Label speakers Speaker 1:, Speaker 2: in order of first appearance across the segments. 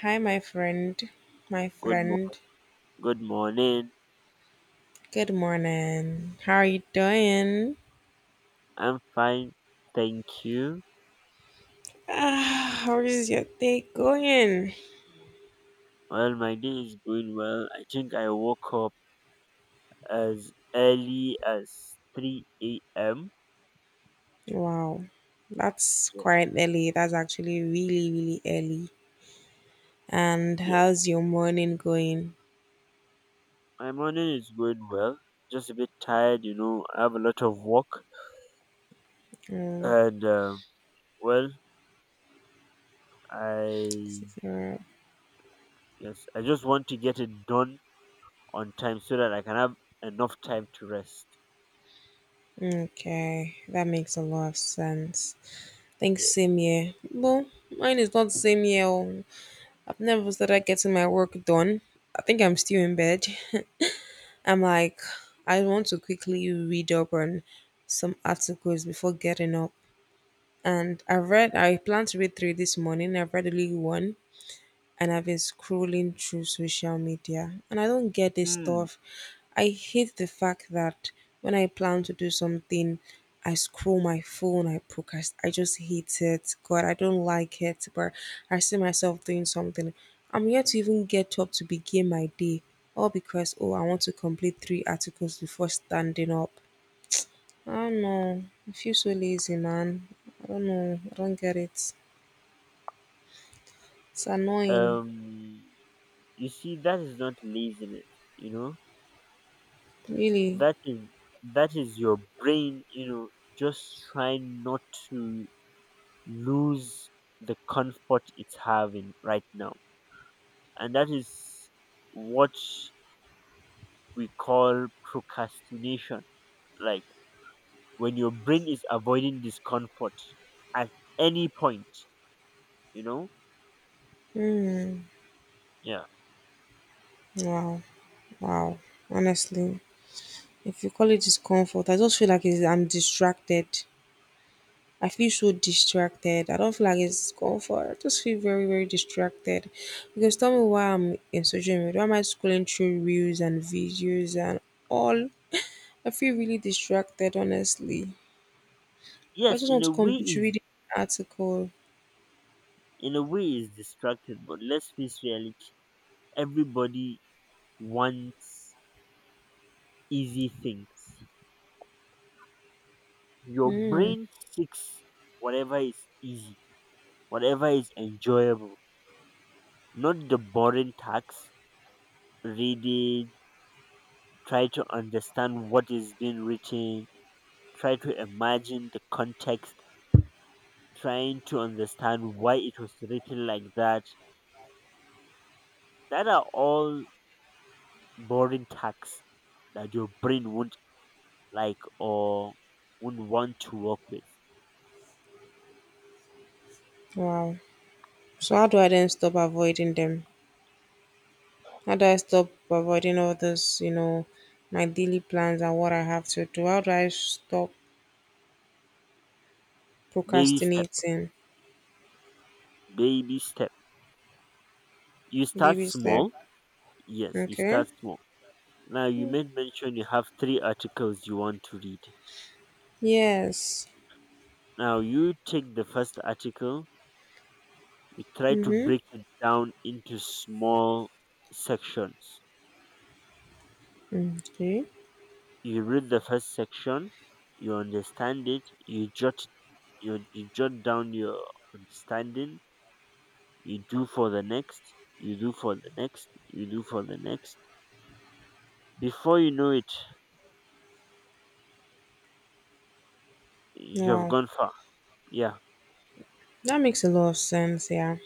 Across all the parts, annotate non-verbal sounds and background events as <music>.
Speaker 1: Hi, my friend. My
Speaker 2: Good mo-
Speaker 1: friend.
Speaker 2: good morning.
Speaker 1: Good morning. How are you doing?
Speaker 2: I'm fine, thank you.
Speaker 1: Ah, how is your day going?
Speaker 2: Well, my day is going well. I think I woke up as early as 3 a.m.
Speaker 1: Wow, that's
Speaker 2: Yes,
Speaker 1: quite early. That's actually really, really early. And
Speaker 2: yes.
Speaker 1: how's your morning going?
Speaker 2: My morning is going well. Just a bit tired, you know. I have a lot of work,
Speaker 1: Mm,
Speaker 2: and well, I
Speaker 1: zero.
Speaker 2: yes, I just want to get it done on time so that I can have enough time to rest.
Speaker 1: Okay, that makes a lot of sense. Thanks,
Speaker 2: Yes.
Speaker 1: same here. Well, mine is not the same year. I've never started getting my work done. I think I'm still in bed. <laughs> I'm like, I want to quickly read up on some articles before getting up. And I've read, I plan to read three this morning. I've read only one and I've been scrolling through social media and I don't get this
Speaker 2: Hmm.
Speaker 1: stuff. I hate the fact that when I plan to do something, I scroll my phone, I procrast. I just hate it. God, I don't like it, but I see myself doing something. I'm yet to even get up to begin my day, all because, oh, I want to complete three articles before standing up. I don't know. I feel so lazy, man. I don't know. I don't get it. It's annoying,
Speaker 2: Um. You see, that is not laziness, you know
Speaker 1: really.
Speaker 2: that is that is your brain, you know, just trying not to lose the comfort it's having right now, and that is what we call procrastination. Like, when your brain is avoiding discomfort at any point, you know?
Speaker 1: Hmm.
Speaker 2: Yeah.
Speaker 1: Wow, wow. Honestly, if you call it discomfort, I just feel like I'm distracted. I feel so distracted. I don't feel like it's comfort. I just feel very, very distracted. Because tell me why I'm in social media. Why am I scrolling through reels and videos and all? I feel really distracted, honestly. But I
Speaker 2: Yes,
Speaker 1: just
Speaker 2: in
Speaker 1: want to
Speaker 2: a way
Speaker 1: complete
Speaker 2: is
Speaker 1: reading the article.
Speaker 2: in a way is distracted, but let's face reality. Everybody wants easy things. Your
Speaker 1: Hmm.
Speaker 2: brain seeks whatever is easy, whatever is enjoyable, not the boring tasks, reading, try to understand what is being written, try to imagine the context, trying to understand why it was written like that. That are all boring tasks that your brain won't like or won't want to work with.
Speaker 1: Wow. So how do I then stop avoiding them? How do I stop avoiding all this, my daily plans and what I have to do? How do I stop
Speaker 2: Baby step,
Speaker 1: procrastinating?
Speaker 2: baby step. You start
Speaker 1: Baby step.
Speaker 2: small. Yes, you
Speaker 1: Okay.
Speaker 2: start small. Now you made mention you have three articles you want to read.
Speaker 1: Yes.
Speaker 2: Now you take the first article, you try to
Speaker 1: Mm-hmm.
Speaker 2: break it down into small sections.
Speaker 1: Okay.
Speaker 2: You read the first section, you understand it, you jot down your understanding, you do for the next, you do for the next, you do for the next. Before you know it, you have
Speaker 1: Wow.
Speaker 2: gone far. Yeah.
Speaker 1: That makes a lot of sense, yeah.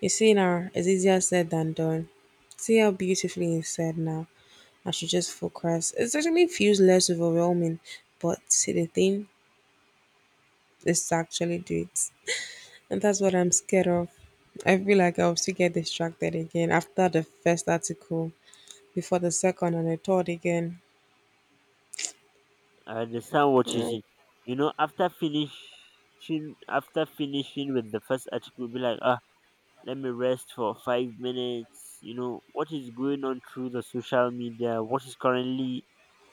Speaker 1: You see now, it's easier said than done. See how beautifully you said now. I should just focus. It actually feels less overwhelming, but see the thing is to actually do it. And that's what I'm scared of. I feel like I'll still get distracted again after the first article, before the second and the third again.
Speaker 2: I understand what you
Speaker 1: Yeah,
Speaker 2: see. You know, after finishing with the first article, be like, ah, let me rest for 5 minutes. You know, what is going on through the social media? What is currently,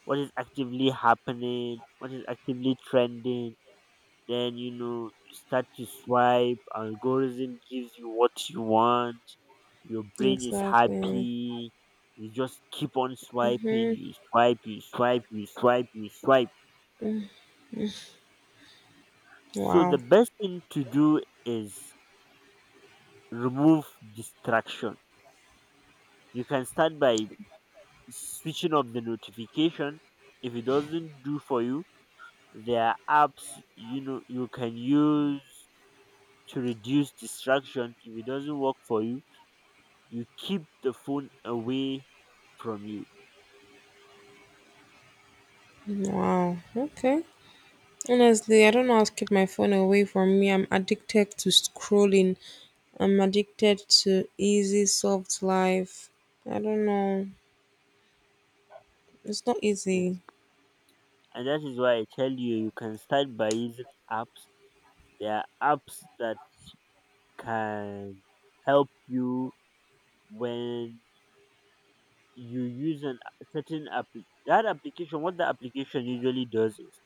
Speaker 2: what is actively happening? What is actively trending? Then, you know, you start to swipe. Algorithm gives you what you want. Your brain is
Speaker 1: exactly.
Speaker 2: happy. You just keep on swiping. You swipe. So the
Speaker 1: Wow.
Speaker 2: best thing to do is remove distraction. You can start by switching off the notification. If it doesn't do for you, there are apps, you know, you can use to reduce distraction. If it doesn't work for you, you keep the phone away from you.
Speaker 1: Wow. Okay. Honestly, I don't know how to keep my phone away from me. I'm addicted to scrolling. I'm addicted to easy, soft life. I don't know. It's not easy.
Speaker 2: Yes. And that is why I tell you you can start by using apps. There are apps that can help you. When you use an a certain app, that application, what the application usually does is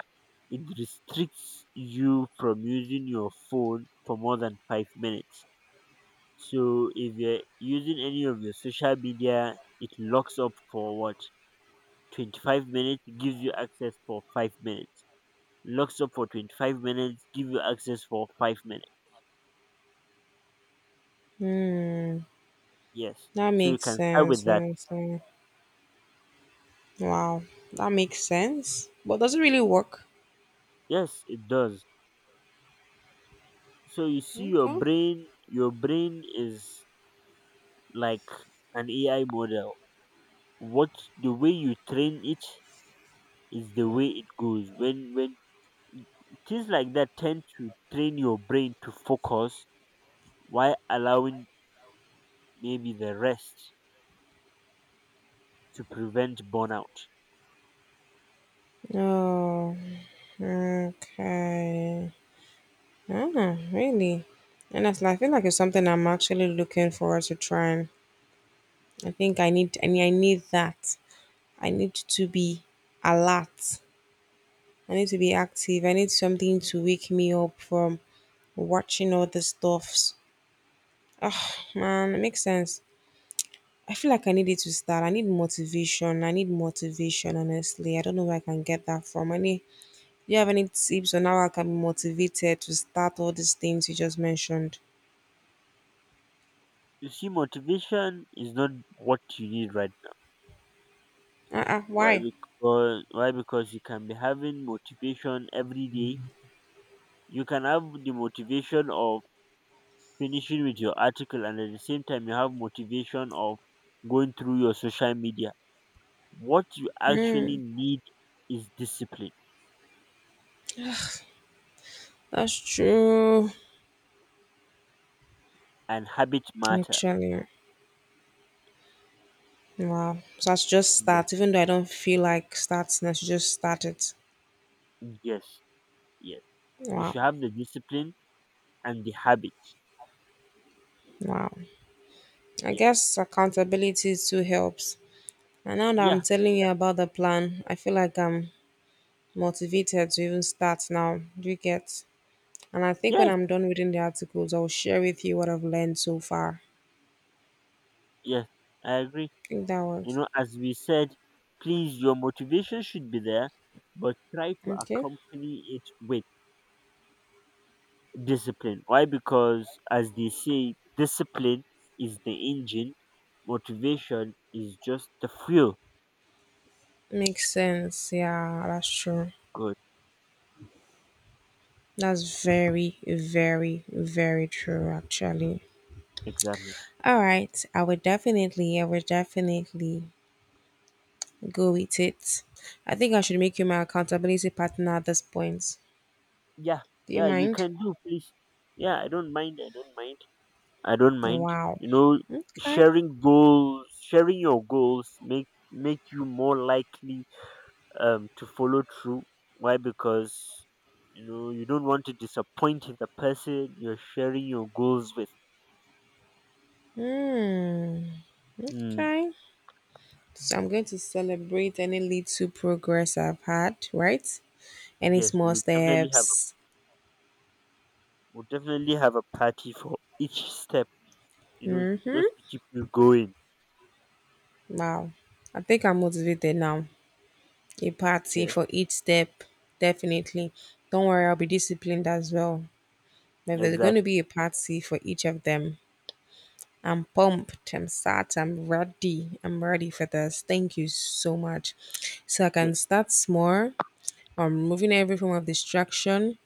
Speaker 2: it restricts you from using your phone for more than 5 minutes. So if you're using any of your social media, it locks up for what, 25 minutes, gives you access for 5 minutes, locks up for 25 minutes, give you access for 5 minutes.
Speaker 1: Hmm.
Speaker 2: Yes,
Speaker 1: That
Speaker 2: so you
Speaker 1: makes
Speaker 2: can start
Speaker 1: sense.
Speaker 2: with
Speaker 1: That
Speaker 2: that.
Speaker 1: makes sense. Wow. That makes sense. But does it really work?
Speaker 2: Yes, it does. So you see, your
Speaker 1: Okay.
Speaker 2: brain your brain is like an AI model. What the way you train it is the way it goes. When things like that tend to train your brain to focus while allowing maybe the rest to prevent burnout.
Speaker 1: Oh, okay. Ah, really? And that's I feel like it's something I'm actually looking forward to trying. I think I need that. I need to be alert. I need to be active. I need something to wake me up from watching all the stuffs. Oh man, it makes sense. I feel like I need it to start. I need motivation. I need motivation, honestly. I don't know where I can get that from. I need. Do you have any tips on how I can be motivated to start all these things you just mentioned?
Speaker 2: You see, motivation is not what you need right now.
Speaker 1: Uh-uh,
Speaker 2: Why?
Speaker 1: why?
Speaker 2: Because why? Because you can be having motivation every day. You can have the motivation of finishing with your article, and at the same time you have motivation of going through your social media. What you actually
Speaker 1: Mm,
Speaker 2: need is discipline
Speaker 1: that's true.
Speaker 2: and habit matter.
Speaker 1: Actually, wow. So I should just
Speaker 2: Yes,
Speaker 1: start, even though I don't feel like starting, I should just start it.
Speaker 2: yes, yes, you
Speaker 1: Wow,
Speaker 2: should have the discipline and the habit.
Speaker 1: wow. I
Speaker 2: Yes,
Speaker 1: guess accountability too helps. And now that I'm
Speaker 2: yeah,
Speaker 1: telling you
Speaker 2: yeah,
Speaker 1: about the plan, I feel like I'm motivated to even start now. Do you get? And I think when
Speaker 2: yes,
Speaker 1: I'm done reading the articles, I'll share with you what I've learned so far.
Speaker 2: yes, I agree.
Speaker 1: I think that
Speaker 2: You
Speaker 1: was
Speaker 2: know, as we said, please, your motivation should be there, but try to
Speaker 1: okay.
Speaker 2: accompany it with discipline. Why? Because as they say, discipline is the engine, motivation is just the fuel.
Speaker 1: Makes sense. Yeah, that's true.
Speaker 2: Good,
Speaker 1: That's very, very, very true, actually.
Speaker 2: exactly.
Speaker 1: All right. I would definitely go with it. I think I should make you my accountability partner at this point.
Speaker 2: Yeah,
Speaker 1: Do you
Speaker 2: yeah, you
Speaker 1: mind?
Speaker 2: can do, please. Yeah, I don't mind. I don't mind.
Speaker 1: Wow.
Speaker 2: You know,
Speaker 1: Okay.
Speaker 2: sharing your goals make make you more likely to follow through. Why? Because, you know, you don't want to disappoint the person you're sharing your goals with.
Speaker 1: Hmm.
Speaker 2: Mm,
Speaker 1: Okay. So I'm going to celebrate any little progress I've had, right? Any
Speaker 2: yes, we
Speaker 1: small
Speaker 2: will definitely have.
Speaker 1: steps.
Speaker 2: We'll definitely have a party for each step, you know,
Speaker 1: Mm-hmm.
Speaker 2: just to keep you going.
Speaker 1: Wow. I think I'm motivated now. A party
Speaker 2: Yes,
Speaker 1: for each step, definitely. Don't worry, I'll be disciplined as well. If there's going to
Speaker 2: exactly.
Speaker 1: be a party for each of them, I'm pumped, I'm sat, I'm ready for this. Thank you so much. So I can
Speaker 2: Yes,
Speaker 1: start small. I'm removing every form of distraction.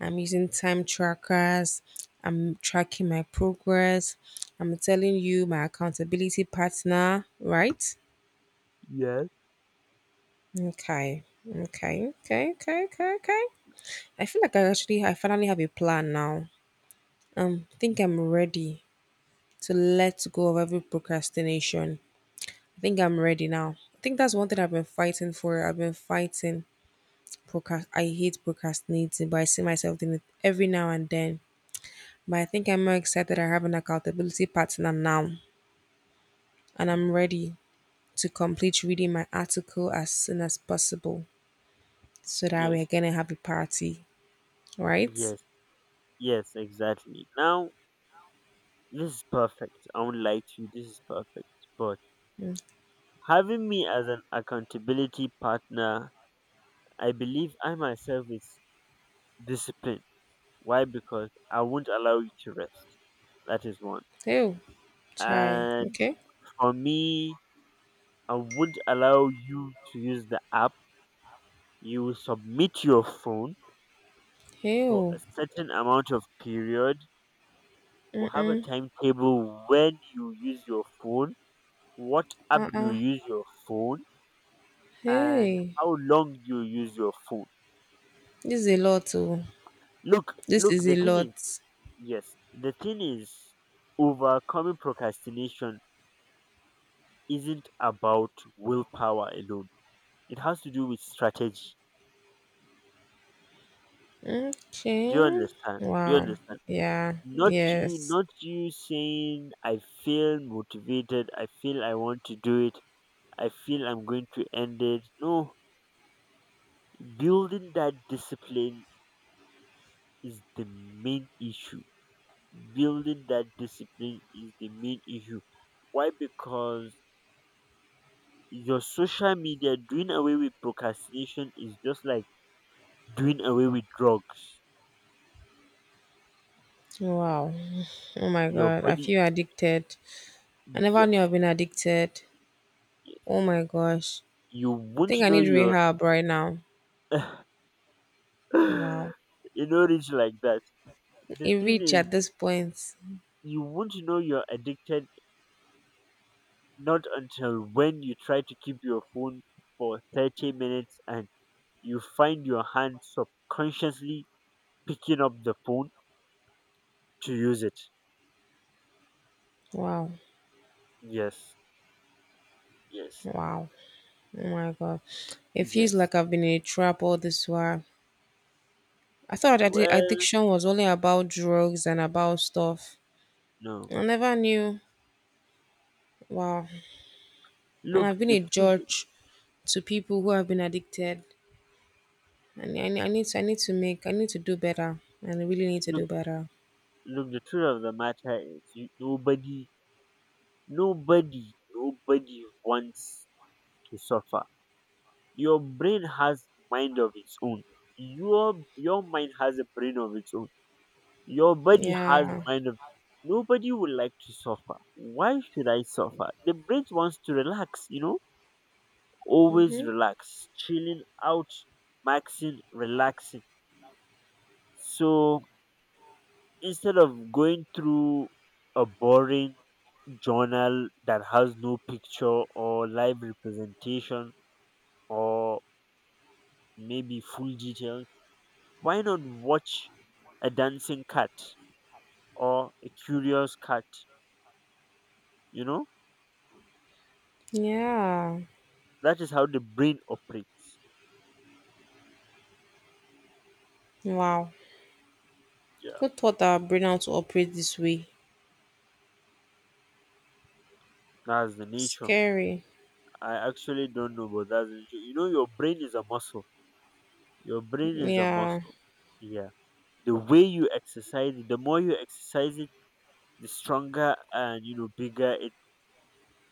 Speaker 1: I'm using time trackers. I'm tracking my progress. I'm telling you my accountability partner, right?
Speaker 2: yes,
Speaker 1: Okay. Okay. Okay. Okay. Okay. Okay. I feel like I finally have a plan now. I
Speaker 2: y-
Speaker 1: think I'm ready to let go of every procrastination. I think I'm ready now. I think that's one thing I've been fighting for. I've been fighting procrast. I hate procrastinating, but I see myself doing it every now and then. But I think I'm more excited. I have an accountability partner now, and I'm ready to complete reading my article as soon as possible, so that we're
Speaker 2: yes,
Speaker 1: gonna have a party, right?
Speaker 2: yes, yes, exactly. Now, this is perfect. I won't lie to you, this is perfect. But
Speaker 1: Mm.
Speaker 2: having me as an accountability partner, I believe I myself is discipline. Why? Because I won't allow you to rest. That is one.
Speaker 1: Hey, oh, chai.
Speaker 2: And
Speaker 1: Okay.
Speaker 2: for me, I won't allow you to use the app. You submit your phone
Speaker 1: Hey,
Speaker 2: for a
Speaker 1: oh.
Speaker 2: certain amount of period. We'll have a
Speaker 1: Mm.
Speaker 2: timetable: when you use your phone, what app you
Speaker 1: Uh-uh.
Speaker 2: use your phone, and
Speaker 1: Hey,
Speaker 2: how long you use your phone.
Speaker 1: this is a lot. Oh,
Speaker 2: Look,
Speaker 1: this
Speaker 2: look
Speaker 1: is
Speaker 2: the
Speaker 1: a
Speaker 2: thing
Speaker 1: lot.
Speaker 2: is yes the thing is overcoming procrastination isn't about willpower alone, it has to do with strategy. Do you
Speaker 1: Okay.
Speaker 2: understand? Do you
Speaker 1: Wow.
Speaker 2: understand?
Speaker 1: Yeah.
Speaker 2: not you
Speaker 1: Yes.
Speaker 2: not you saying I feel motivated, I feel I want to do it, I feel I'm going to end it. No, building that discipline is the main issue. Building that discipline is the main issue. Why? Because your social media, doing away with procrastination is just like doing away with drugs.
Speaker 1: Wow. Oh my
Speaker 2: Your
Speaker 1: God. I
Speaker 2: body,
Speaker 1: feel addicted. I never knew
Speaker 2: yes,
Speaker 1: I've been addicted.
Speaker 2: yes,
Speaker 1: Oh my gosh.
Speaker 2: you
Speaker 1: I think
Speaker 2: won't
Speaker 1: I
Speaker 2: know
Speaker 1: need
Speaker 2: your…
Speaker 1: rehab right now.
Speaker 2: <laughs>
Speaker 1: Wow.
Speaker 2: you know, it's like that. The
Speaker 1: It
Speaker 2: thing
Speaker 1: reached
Speaker 2: is,
Speaker 1: at this point.
Speaker 2: you won't know you're addicted, not until when you try to keep your phone for 30 minutes and you find your hand subconsciously picking up the phone to use it.
Speaker 1: Wow.
Speaker 2: Yes, yes,
Speaker 1: Wow. Oh my God. It feels
Speaker 2: yes.
Speaker 1: like I've been in a trap all this while. I thought that
Speaker 2: Well,
Speaker 1: addiction was only about drugs and about stuff.
Speaker 2: no.
Speaker 1: I never knew. Wow. And
Speaker 2: Look,
Speaker 1: I've been a
Speaker 2: the truth,
Speaker 1: judge to people who have been addicted. And I need to make I need to do better. And I really need to
Speaker 2: look,
Speaker 1: do better.
Speaker 2: look, the truth of the matter is, nobody wants to suffer. Your brain has mind of its own. Your mind has a brain of its own. Your body has
Speaker 1: Yeah.
Speaker 2: mind of… Nobody would like to suffer. Why should I suffer? The brain wants to relax, you know? Always
Speaker 1: Hmm.
Speaker 2: relax. Chilling out, maxing, relaxing. So instead of going through a boring journal that has no picture or live representation or maybe full details, why not watch a dancing cat or a curious cat? You know?
Speaker 1: Yeah.
Speaker 2: That is how the brain operates.
Speaker 1: Wow.
Speaker 2: Yeah,
Speaker 1: Who taught our brain how to operate this way?
Speaker 2: that's the nature.
Speaker 1: Scary.
Speaker 2: I actually don't know, but that's the nature. You know, your brain is a muscle. Your brain is a
Speaker 1: Yeah.
Speaker 2: muscle. Yeah. The more you exercise it, the stronger and, you know, bigger it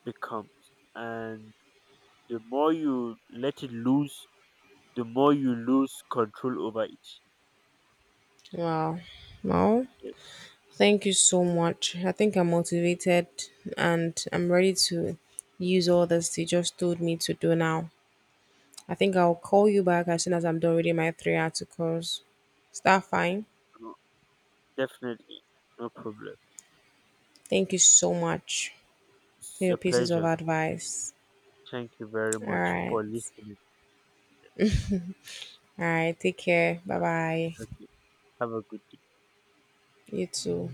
Speaker 2: becomes. And the more you let it loose, the more you lose control over it.
Speaker 1: Wow. Wow.
Speaker 2: Yes.
Speaker 1: Thank you so much. I think I'm motivated and I'm ready to use all this you just told me to do now. I think I'll call you back as soon as I'm done reading my three articles. Is that fine?
Speaker 2: No, definitely. No problem.
Speaker 1: Thank you so much for
Speaker 2: It's
Speaker 1: your
Speaker 2: a
Speaker 1: pieces of
Speaker 2: pleasure.
Speaker 1: advice.
Speaker 2: Thank you very
Speaker 1: All
Speaker 2: much
Speaker 1: right.
Speaker 2: for listening.
Speaker 1: All right. Take care. Bye
Speaker 2: Uh,
Speaker 1: bye.
Speaker 2: okay. Have a good day.
Speaker 1: You too.